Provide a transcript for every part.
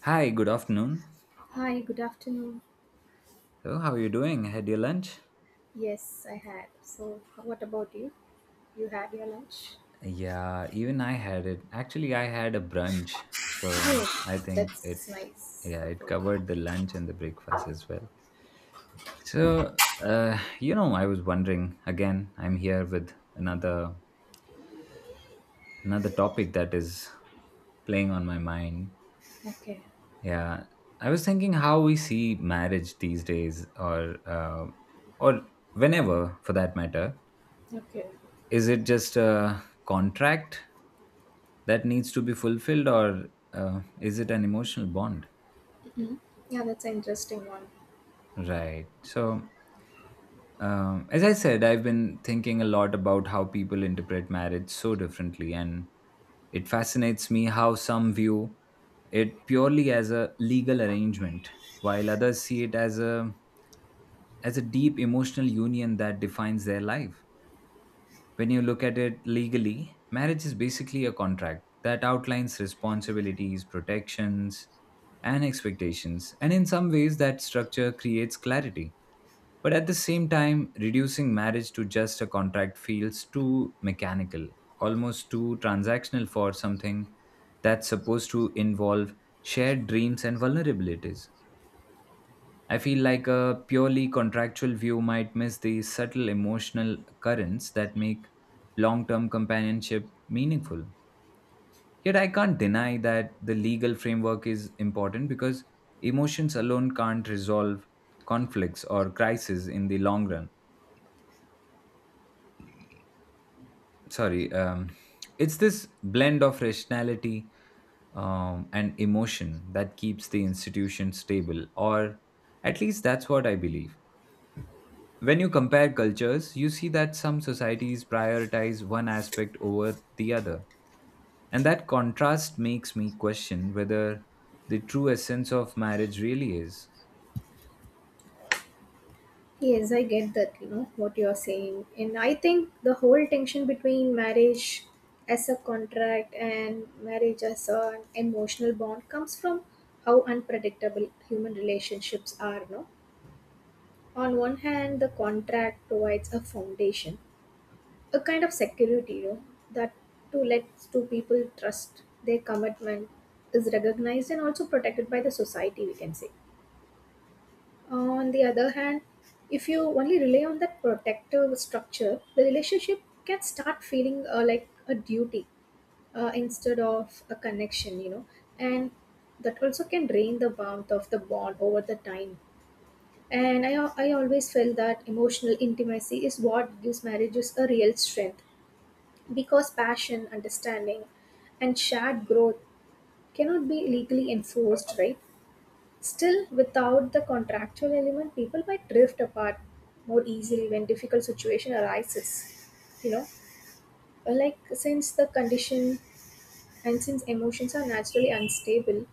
Hi, good afternoon. Hi, good afternoon. So, how are you doing? Had your lunch? Yes, I had. So, what about you? You had your lunch? Yeah, even I had it. Actually, I had a brunch. So, I Yes, think it. that's nice Yeah, it support. covered the lunch and the breakfast as well. So, I was wondering again, I'm here with another topic that is playing on my mind. Okay. Yeah, I was thinking how we see marriage these days, or whenever for that matter. Okay. Is it just a contract that needs to be fulfilled or is it an emotional bond? Mhm. Yeah, that's an interesting one. Right, so as I said, I've been thinking a lot about how people interpret marriage so differently, and it fascinates me how some view it purely as a legal arrangement while others see it as a deep emotional union that defines their life. When you look at it legally, marriage is basically a contract that outlines responsibilities, protections, and expectations. And in some ways, that structure creates clarity. But at the same time, reducing marriage to just a contract feels too mechanical, almost too transactional for something that's supposed to involve shared dreams and vulnerabilities. I feel like a purely contractual view might miss the subtle emotional currents that make long term companionship meaningful. Yet I can't deny that the legal framework is important because emotions alone can't resolve conflicts or crises in the long run. Sorry, it's this blend of rationality and emotion that keeps the institution stable, or at least that's what I believe. When you compare cultures, you see that some societies prioritize one aspect over the other. And that contrast makes me question whether the true essence of marriage really is. Yes, I get that, what you're saying. And I think the whole tension between marriage as a contract and marriage as an emotional bond comes from how unpredictable human relationships are, no? On one hand, the contract provides a foundation, a kind of security, that to let two people trust their commitment is recognized and also protected by the society, we can say. On the other hand, if you only rely on that protective structure, the relationship can start feeling like a duty, instead of a connection, and that also can drain the warmth of the bond over the time. And I always felt that emotional intimacy is what gives marriages a real strength, because passion, understanding, and shared growth cannot be legally enforced, right? Still, without the contractual element, people might drift apart more easily when difficult situation arises. You know, like since the condition, and since emotions are naturally unstable,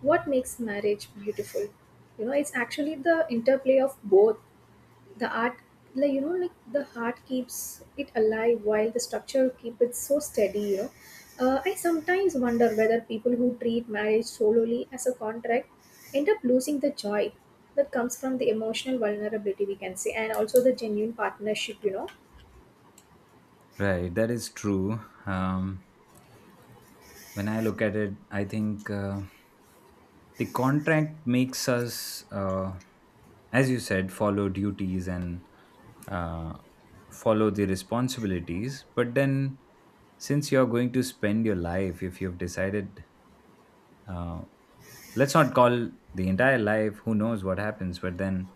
what makes marriage beautiful? You know, it's actually the interplay of both. The art, like like the heart keeps it alive while the structure keep it so steady, I sometimes wonder whether people who treat marriage solely as a contract end up losing the joy that comes from the emotional vulnerability, we can say, and also the genuine partnership. Right, that is true. When I look at it, I think the contract makes us, as you said, follow duties and uh, follow the responsibilities. But then, since you're going to spend your life, if you've decided uh, let's not call the entire life, who knows what happens, but then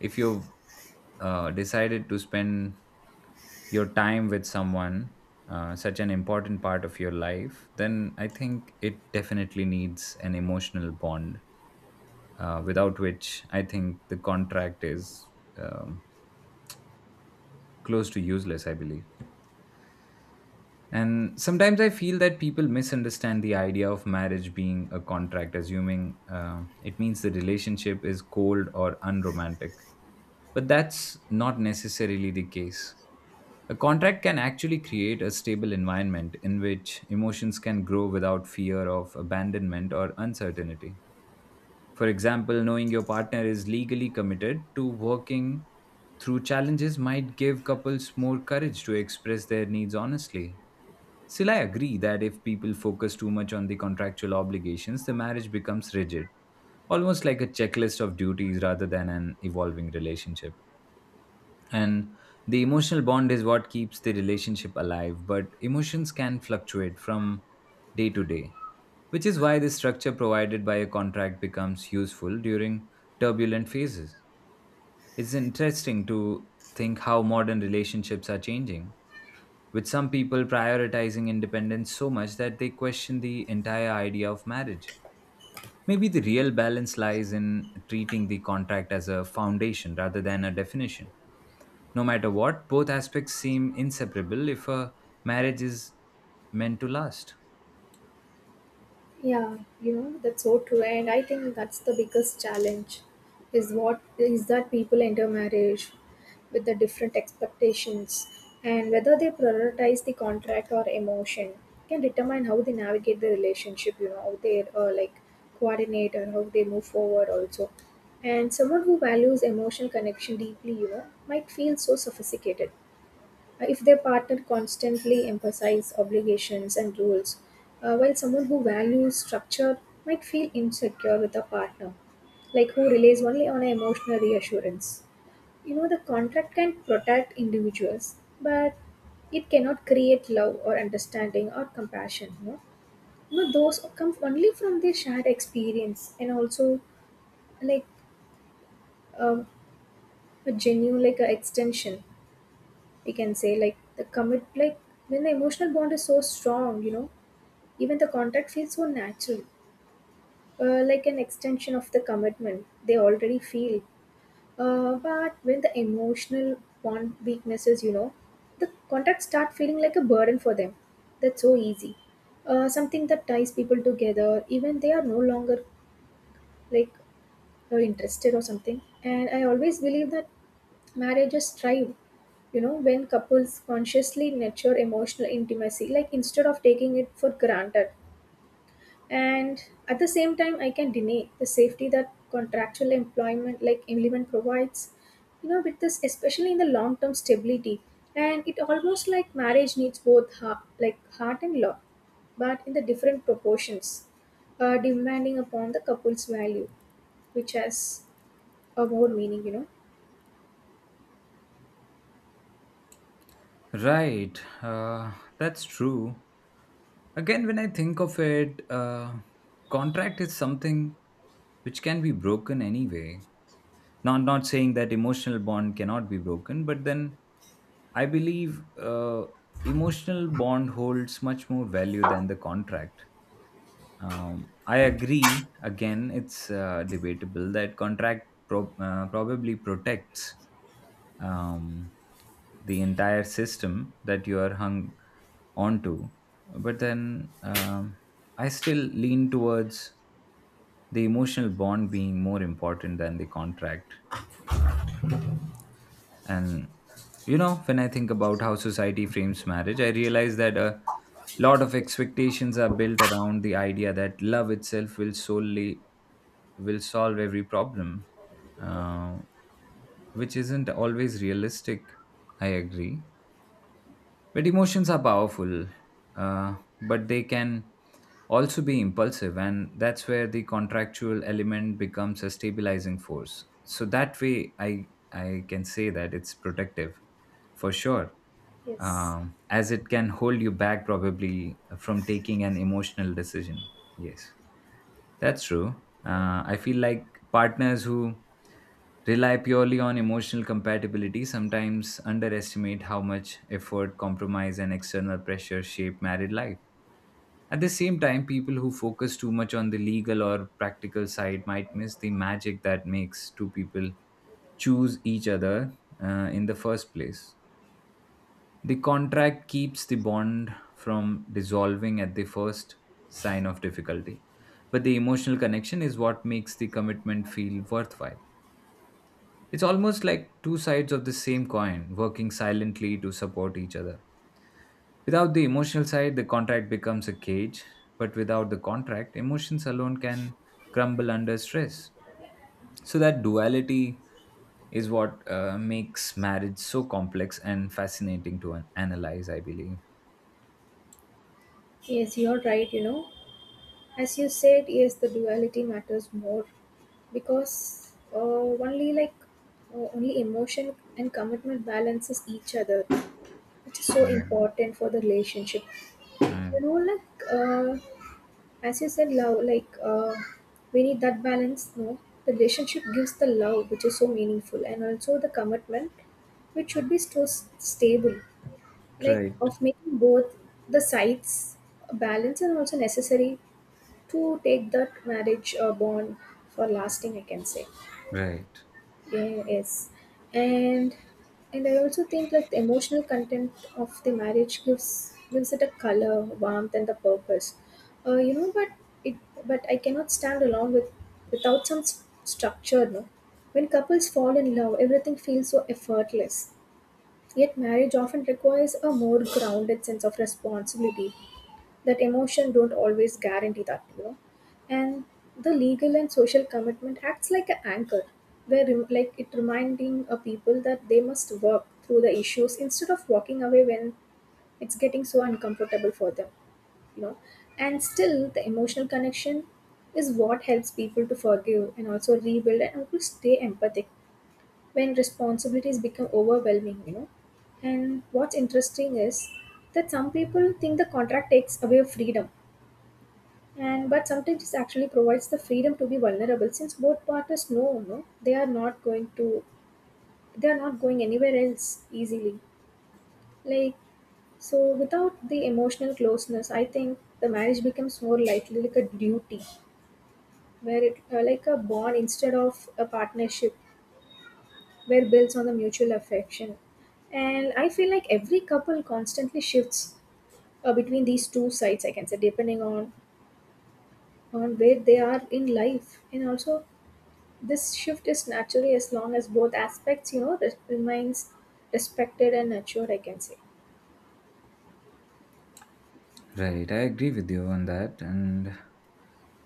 if you've decided to spend your time with someone, such an important part of your life, then I think it definitely needs an emotional bond, without which I think the contract is um, close to useless, I believe. And sometimes I feel that people misunderstand the idea of marriage being a contract, assuming it means the relationship is cold or unromantic. But that's not necessarily the case. A contract can actually create a stable environment in which emotions can grow without fear of abandonment or uncertainty. For example, knowing your partner is legally committed to working through challenges might give couples more courage to express their needs honestly. Still, I agree that if people focus too much on the contractual obligations, the marriage becomes rigid, almost like a checklist of duties rather than an evolving relationship. And the emotional bond is what keeps the relationship alive, but emotions can fluctuate from day to day, which is why the structure provided by a contract becomes useful during turbulent phases. It's interesting to think how modern relationships are changing, with some people prioritizing independence so much that they question the entire idea of marriage. Maybe the real balance lies in treating the contract as a foundation rather than a definition. No matter what, both aspects seem inseparable if a marriage is meant to last. Yeah, that's so true. And I think that's the biggest challenge, is what is that people enter marriage with the different expectations, and whether they prioritize the contract or emotion can determine how they navigate the relationship, how they like coordinate or how they move forward also. And someone who values emotional connection deeply, might feel so sophisticated if their partner constantly emphasizes obligations and rules, while someone who values structure might feel insecure with a partner, like who relies only on emotional reassurance. You know, the contract can protect individuals, but it cannot create love or understanding or compassion. No, those come only from their shared experience, and also like um, a genuine, like a extension, we can say, like the commit, like when the emotional bond is so strong, even the contact feels so natural, like an extension of the commitment they already feel. But when the emotional bond weaknesses, the contact start feeling like a burden for them, that's so easy, something that ties people together even they are no longer, like, interested or something. And I always believe that marriages thrive, when couples consciously nurture emotional intimacy, like instead of taking it for granted. And at the same time, I can deny the safety that contractual employment, like employment provides, with this, especially in the long term stability. And it almost like marriage needs both heart, like heart and love, but in the different proportions, demanding upon the couple's value, which has a more meaning. Right, that's true. Again, when I think of it, contract is something which can be broken anyway. Not saying that emotional bond cannot be broken, but then I believe emotional bond holds much more value than the contract. I agree. Again, it's debatable that probably protects um, the entire system that you are hung onto. But then I still lean towards the emotional bond being more important than the contract. Uh, and you know, when I think about how society frames marriage, I realize that a lot of expectations are built around the idea that love itself will solely will solve every problem, uh, which isn't always realistic. I agree. But emotions are powerful, but they can also be impulsive, and that's where the contractual element becomes a stabilizing force. So that way, I can say that it's protective for sure, Yes. As it can hold you back probably from taking an emotional decision. Yes, that's true. I feel like partners who rely purely on emotional compatibility sometimes underestimate how much effort, compromise, and external pressure shape married life. At the same time, people who focus too much on the legal or practical side might miss the magic that makes two people choose each other in the first place. The contract keeps the bond from dissolving at the first sign of difficulty. But the emotional connection is what makes the commitment feel worthwhile. It's almost like two sides of the same coin working silently to support each other. Without the emotional side, the contract becomes a cage, but without the contract, emotions alone can crumble under stress. So, that duality is what makes marriage so complex and fascinating to analyze, I believe. Yes, you're right, As you said, yes, the duality matters more, because only like only emotion and commitment balances each other, which is so Right. important for the relationship. Mm. You know, like as you said, love. Like we need that balance. No, the relationship gives the love, which is so meaningful, and also the commitment, which should be so stable. Like Right, of making both the sides a balance and also necessary to take that marriage bond for lasting, I can say. right, Yeah, yes. And and I also think like the emotional content of the marriage gives it a color warmth and the purpose, but it but I cannot stand alone without some structure, no. When couples fall in love, everything feels so effortless, yet marriage often requires a more grounded sense of responsibility, that emotion don't always guarantee that, and the legal and social commitment acts like an anchor, where like it reminding a people that they must work through the issues instead of walking away when it's getting so uncomfortable for them, you know and still the emotional connection is what helps people to forgive and also rebuild and also stay empathic when responsibilities become overwhelming, and what's interesting is that some people think the contract takes away freedom, and but sometimes it actually provides the freedom to be vulnerable, since both parties know, no, they are not going anywhere else easily, like. So without the emotional closeness, I think the marriage becomes more likely like a duty where it, like a bond instead of a partnership where builds on the mutual affection. And I feel like every couple constantly shifts between these two sides, I can say, depending on where they are in life, and also this shift is naturally as long as both aspects, remains respected and nurtured, I can say. right, I agree with you on that. And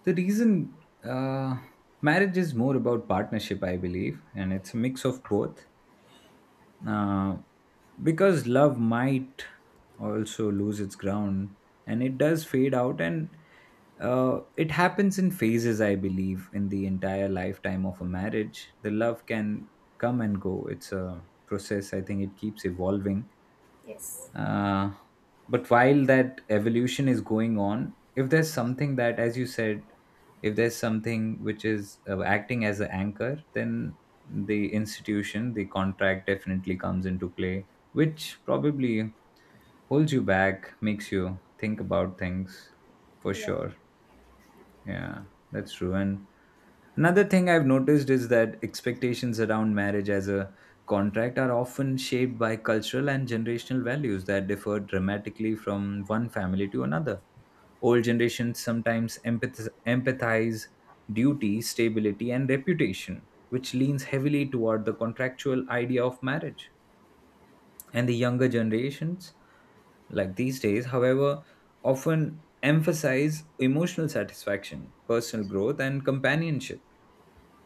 the reason marriage is more about partnership, I believe, and it's a mix of both. Uh, because love might also lose its ground and it does fade out, and it happens in phases, I believe, in the entire lifetime of a marriage. The love can come and go, it's a process. I think it keeps evolving. Yes. Uh, but while that evolution is going on, if there's something that, as you said, if there's something which is acting as an anchor, then the institution, the contract definitely comes into play, which probably holds you back, makes you think about things for Yeah, sure. Yeah, that's true. And another thing I've noticed is that expectations around marriage as a contract are often shaped by cultural and generational values that differ dramatically from one family to another. Old generations sometimes empathize duty, stability, and reputation, which leans heavily toward the contractual idea of marriage. And the younger generations, like these days, however, often emphasize emotional satisfaction, personal growth, and companionship,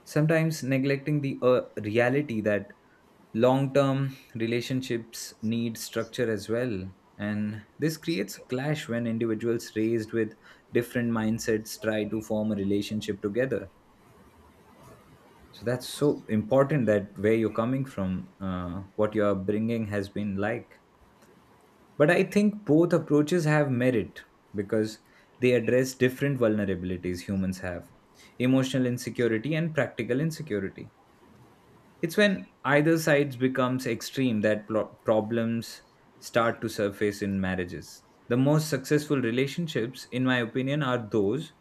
sometimes neglecting the reality that long term relationships need structure as well. And this creates a clash when individuals raised with different mindsets try to form a relationship together. So that's so important, that where you're coming from, what your upbringing has been like. But I think both approaches have merit because they address different vulnerabilities humans have: emotional insecurity and practical insecurity. It's when either side becomes extreme that problems start to surface in marriages. The most successful relationships, in my opinion, are those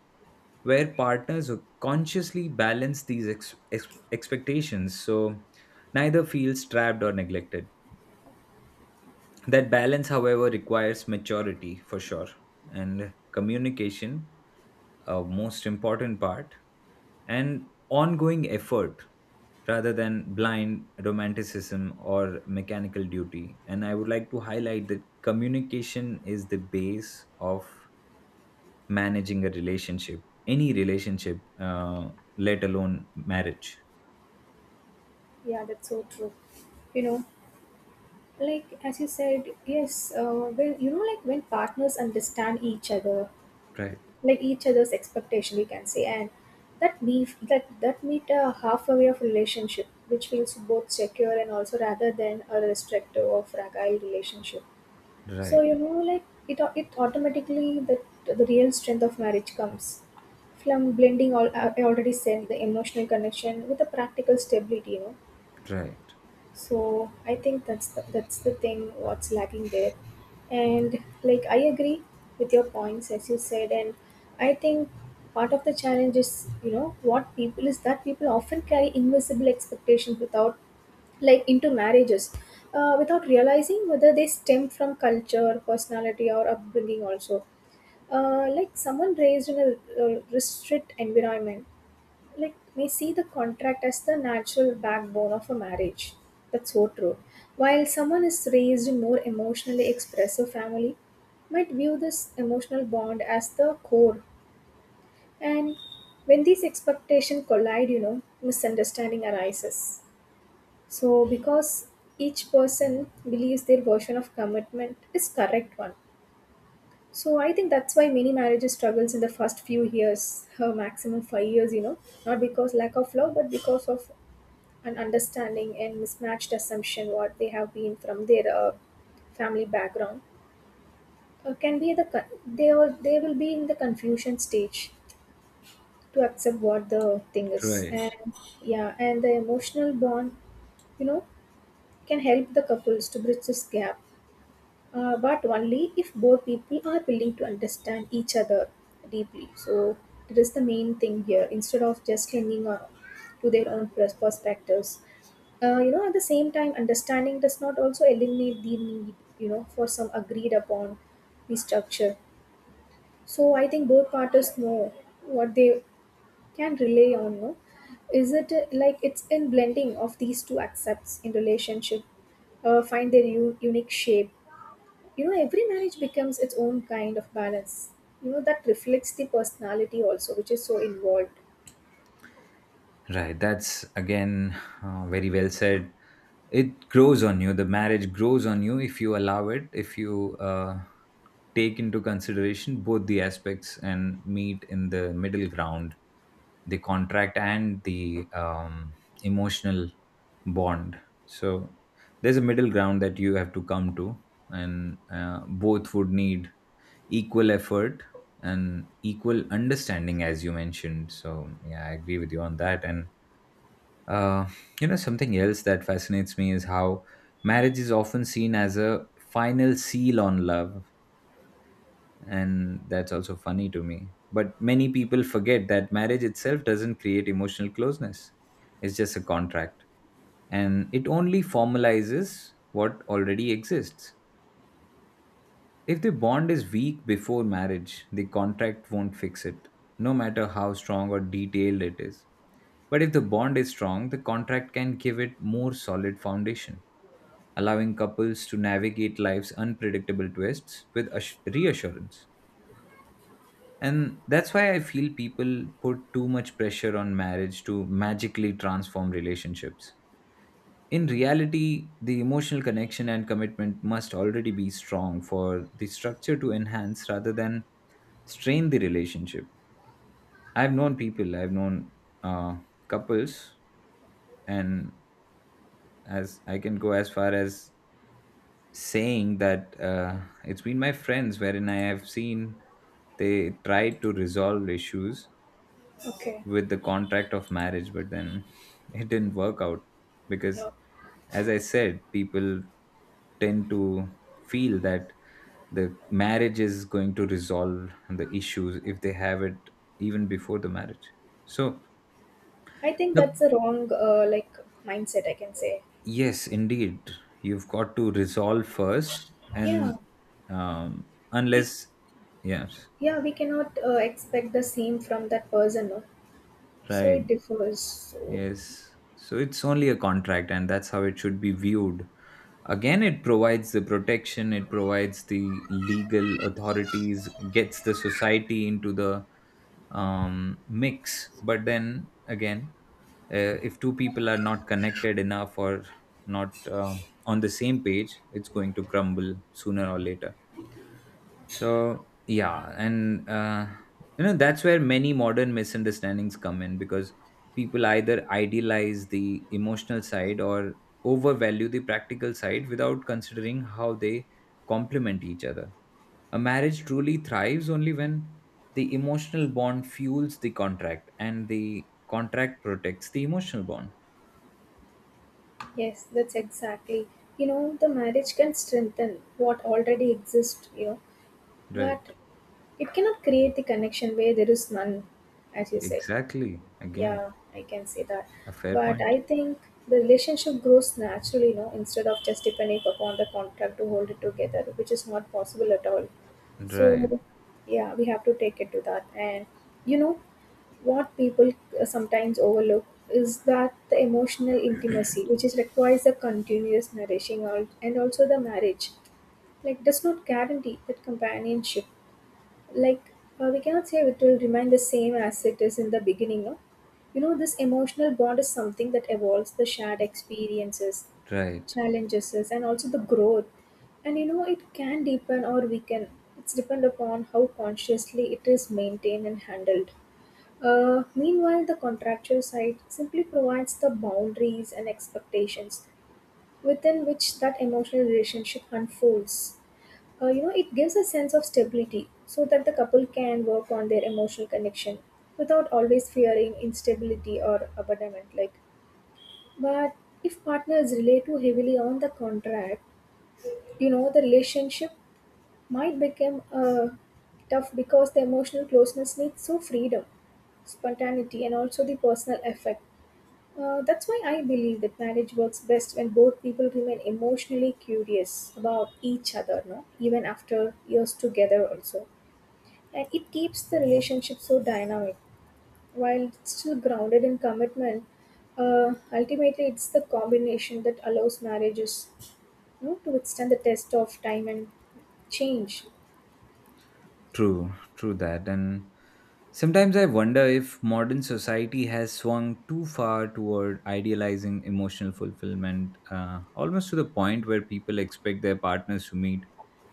where partners consciously balance these expectations so neither feels trapped or neglected. That balance, however, requires maturity for sure, and communication, a most important part, and ongoing effort rather than blind romanticism or mechanical duty. And I would like to highlight that communication is the base of managing a relationship, any relationship, let alone marriage. yeah, that's so true. You know, like as you said, yes, when like when partners understand each other, Right, like each other's expectation, we can say, and that meet a halfway of relationship, which feels both secure and also rather than a restrictive or fragile relationship. So right, like it automatically that the real strength of marriage comes from blending all. I already said the emotional connection with the practical stability. You know, right, so I think that's the thing what's lacking there, and like I agree with your points as you said. And I think part of the challenge is you know what people is that people often carry invisible expectations without, like, into marriages, without realizing whether they stem from culture, personality, or upbringing also. Like someone raised in a restrict environment, like may see the contract as the natural backbone of a marriage, that's so true, while someone is raised in more emotionally expressive family might view this emotional bond as the core. And when these expectations collide, you know, misunderstanding arises. So, because each person believes their version of commitment is correct one. So, I think that's why many marriages struggles in the first few years, her maximum 5 years, not because lack of love, but because of an understanding and mismatched assumption what they have been from their family background. Can be the they, or they will be in the confusion stage to accept what the thing is, right. and. Yeah, and the emotional bond, you know, can help the couples to bridge this gap. But only if both people are willing to understand each other deeply. So that is the main thing here. Instead of just clinging on to their own perspectives, at the same time, understanding does not also eliminate the need, for some agreed upon the structure. So I think both parties know what they can rely on. You know, is it, like it's in blending of these two accepts in relationship, find their unique shape. You know every marriage becomes its own kind of balance, that reflects the personality also, which is so involved. Right, that's again very well said. It grows on you. The marriage grows on you if you allow it. If you take into consideration both the aspects and meet in the middle ground, the contract and the emotional bond. So there's a middle ground that you have to come to, and both would need equal effort and equal understanding, as you mentioned. So yeah, I agree with you on that, and uh, you know, something else that fascinates me is how marriage is often seen as a final seal on love. And that's also funny to me. But many people forget that marriage itself doesn't create emotional closeness, it's just a contract. And it only formalizes what already exists. If the bond is weak before marriage, the contract won't fix it, no matter how strong or detailed it is. But if the bond is strong, the contract can give it more solid foundation, allowing couples to navigate life's unpredictable twists with reassurance. And that's why I feel people put too much pressure on marriage to magically transform relationships. In reality, the emotional connection and commitment must already be strong for the structure to enhance rather than strain the relationship. I've known people, I've known uh, couples, and as I can go as far as saying that it's been my friends wherein I have seen they tried to resolve issues Okay. with the contract of marriage, but then it didn't work out because, Yeah, as I said, people tend to feel that the marriage is going to resolve the issues if they have it even before the marriage. So I think the that's a wrong like mindset, I can say. yes, indeed. You've got to resolve first, Yeah, and we. unless, yes, Yeah, we cannot expect the same from that person, no? So right, it differs, so. yes. So it's only a contract, and that's how it should be viewed. Again, it provides the protection, it provides the legal authorities, gets the society into the mix. But then again, if two people are not connected enough or not on the same page, it's going to crumble sooner or later. So yeah, and that's where many modern misunderstandings come in because people either idealize the emotional side or overvalue the practical side without considering how they complement each other. A marriage truly thrives only when the emotional bond fuels the contract and the contract protects the emotional bond. Yes, that's exactly, the marriage can strengthen what already exists. Right. But it cannot create the connection where there is none, as you said. Exactly. Again, Yeah, I can say that. a fair But point. I think the relationship grows naturally, instead of just depending upon the contract to hold it together, which is not possible at all. Right, So, yeah, we have to take it to that. And you know what people sometimes overlook is that the emotional intimacy, which is requires a continuous nourishing, and also the marriage, like does not guarantee that companionship, like, we cannot say it will remain the same as it is in the beginning, no? You know, this emotional bond is something that evolves the shared experiences, right. challenges and also the growth. And you know it can deepen or weaken. It's depend upon how consciously it is maintained and handled. Meanwhile, the contractual side simply provides the boundaries and expectations within which that emotional relationship unfolds. You know, it gives a sense of stability so that the couple can work on their emotional connection without always fearing instability or abandonment, like. But if partners rely too heavily on the contract, you know, the relationship might become tough, because the emotional closeness needs so freedom, spontaneity and also the personal effect. That's why I believe that marriage works best when both people remain emotionally curious about each other, no, even after years together also. And it keeps the relationship so dynamic while it's still grounded in commitment. Ultimately, it's the combination that allows marriages, you know, to withstand the test of time and change. True, true that. And sometimes I wonder if modern society has swung too far toward idealizing emotional fulfillment, almost to the point where people expect their partners to meet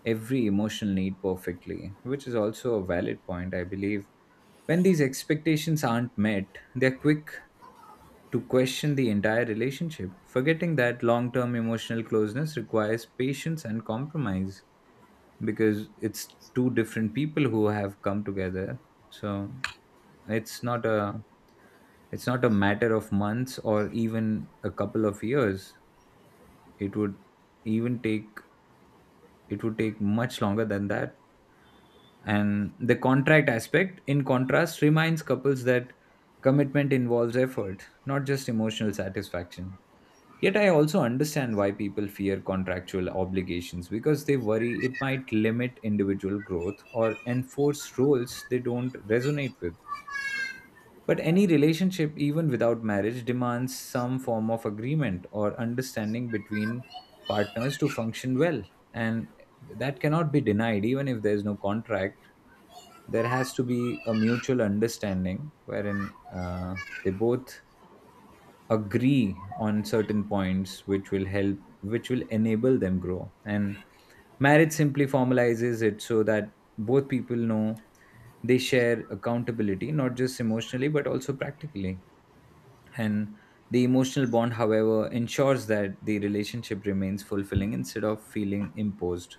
every emotional need perfectly, which is also a valid point, I believe. When these expectations aren't met, they're quick to question the entire relationship, forgetting that long term emotional closeness requires patience and compromise because it's two different people who have come together. So it's not a it's not a matter of months or even a couple of years. It would even take it would take much longer than that. And the contract aspect, in contrast, reminds couples that commitment involves effort, not just emotional satisfaction. Yet I also understand why people fear contractual obligations because they worry it might limit individual growth or enforce roles they don't resonate with. But any relationship, even without marriage, demands some form of agreement or understanding between partners to function well. And that cannot be denied, even if there's no contract. There has to be a mutual understanding wherein they both agree on certain points which will help, which will enable them grow. And marriage simply formalizes it so that both people know they share accountability, not just emotionally, but also practically, and the emotional bond however ensures that the relationship remains fulfilling instead of feeling imposed.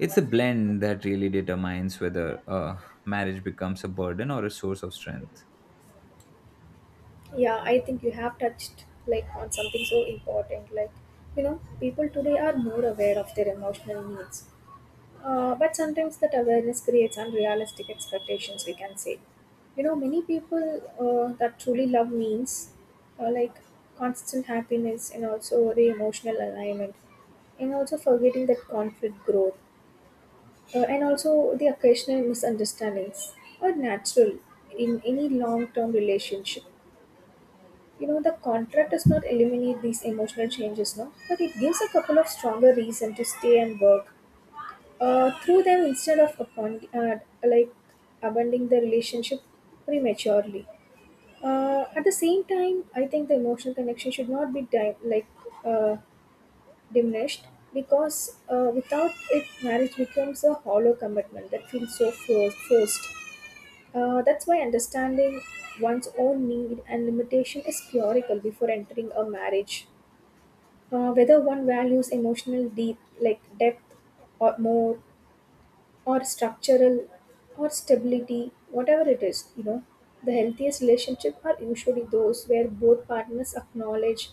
It's a blend that really determines whether a marriage becomes a burden or a source of strength. Yeah, I think you have touched like on something so important, like, you know, people today are more aware of their emotional needs. But sometimes that awareness creates unrealistic expectations, we can say. You know, many people that truly love means, like, constant happiness and also the emotional alignment, and also forgetting that conflict growth, and also the occasional misunderstandings are natural in any long term relationship. You know, the contract does not eliminate these emotional changes, no, but it gives a couple of stronger reason to stay and work through them instead of upon, like, abandoning the relationship prematurely. At the same time, I think the emotional connection should not be like uh, diminished, because without it, marriage becomes a hollow commitment that feels so forced. That's why understanding one's own need and limitation is theoretical before entering a marriage. Whether one values emotional deep like depth, or more, or structural, or stability, whatever it is, you know, the healthiest relationship are usually those where both partners acknowledge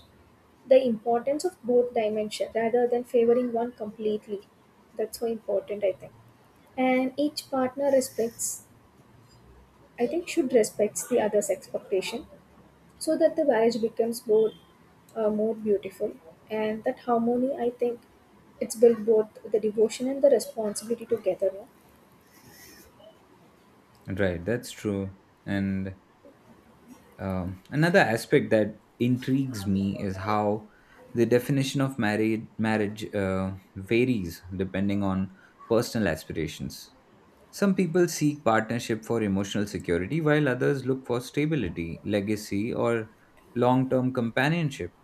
the importance of both dimension rather than favoring one completely. That's so important, I think. And each partner respects, I think, should respects the other's expectation so that the marriage becomes both more beautiful and that harmony. I think it's built both the devotion and the responsibility together. No? Right, that's true. And another aspect that intrigues me is how the definition of married marriage varies depending on personal aspirations. Some people seek partnership for emotional security, while others look for stability, legacy, or long term companionship.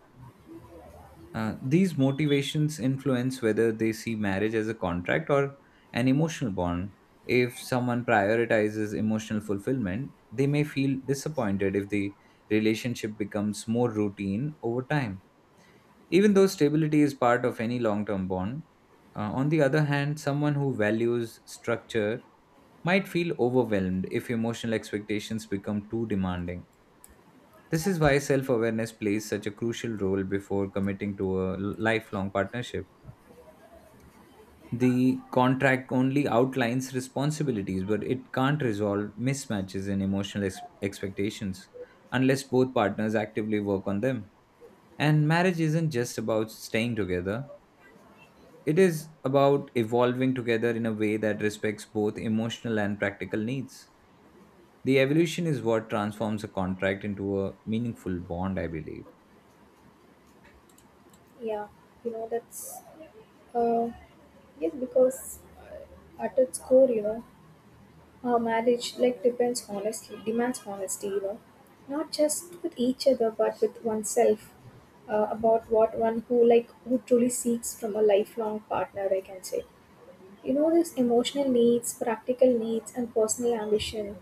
These motivations influence whether they see marriage as a contract or an emotional bond. If someone prioritizes emotional fulfillment, they may feel disappointed if the relationship becomes more routine over time, even though stability is part of any long term bond. On the other hand, someone who values structure might feel overwhelmed if emotional expectations become too demanding. This is why self awareness plays such a crucial role before committing to a lifelong partnership. The contract only outlines responsibilities, but it can't resolve mismatches in emotional expectations unless both partners actively work on them. And marriage isn't just about staying together, it is about evolving together in a way that respects both emotional and practical needs. The evolution is what transforms a contract into a meaningful bond, I believe. Yeah, you know that's Uh, yes, because at its core, you know, our marriage like depends honestly demands honesty, you know, not just with each other but with oneself about what one who like who truly seeks from a lifelong partner. I can say, you know, these emotional needs, practical needs, and personal ambition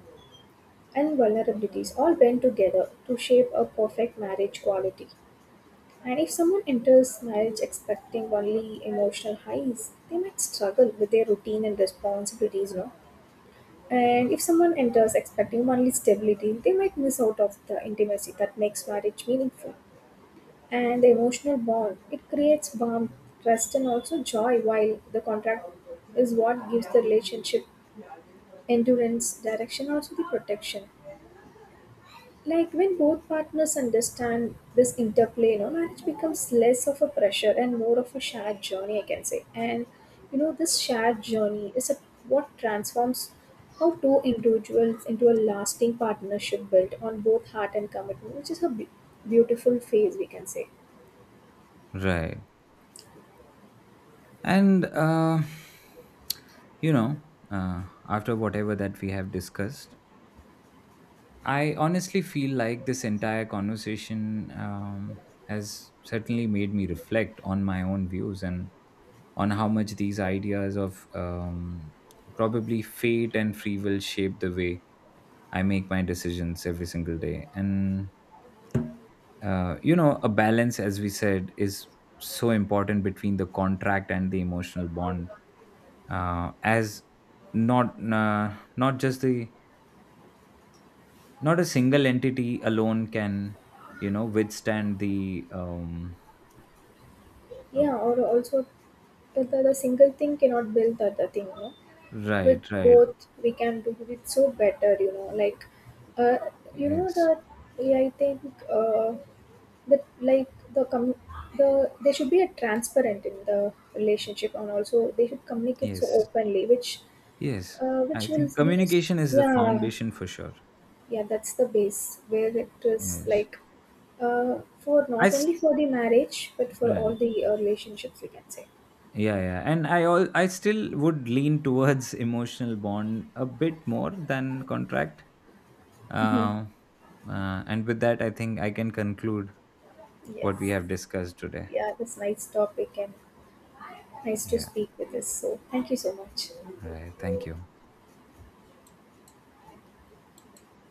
and vulnerabilities all bend together to shape a perfect marriage quality. And if someone enters marriage expecting only emotional highs, they might struggle with their routine and responsibilities, no? And if someone enters expecting only stability, they might miss out of the intimacy that makes marriage meaningful. And the emotional bond, it creates warmth, trust and also joy, while the contract is what gives the relationship endurance, direction, also the protection. Like, when both partners understand this interplay, you know, marriage becomes less of a pressure and more of a shared journey, I can say. And you know, this shared journey is a, what transforms how two individuals into a lasting partnership built on both heart and commitment, which is a beautiful phase, we can say. Right. And, you know, after whatever that we have discussed, I honestly feel like this entire conversation has certainly made me reflect on my own views and on how much these ideas of probably fate and free will shape the way I make my decisions every single day. And, you know, a balance, as we said, is so important between the contract and the emotional bond, as not not just the not a single entity alone can, you know, withstand the uh, Yeah, or also the single thing cannot build the other thing, you know. With right, right. both, we can do it so better, you know. Like, uh, you know, Yes, that yeah, I think. But like the com- the there should be a transparent in the relationship and also they should communicate so yes. openly, Yes, I which will think be communication is the yeah. foundation for sure. Yeah, that's the base where it is, Yes. like, for i not only s- for the marriage but for right. all the relationships, we can say. Yeah, yeah, and I, all I still would lean towards emotional bond a bit more than contract. uh, and with that, I think I can conclude what we Yes. have discussed today. Yeah, this nice topic and nice to Yeah, speak with us. So thank you so much. all right, thank you.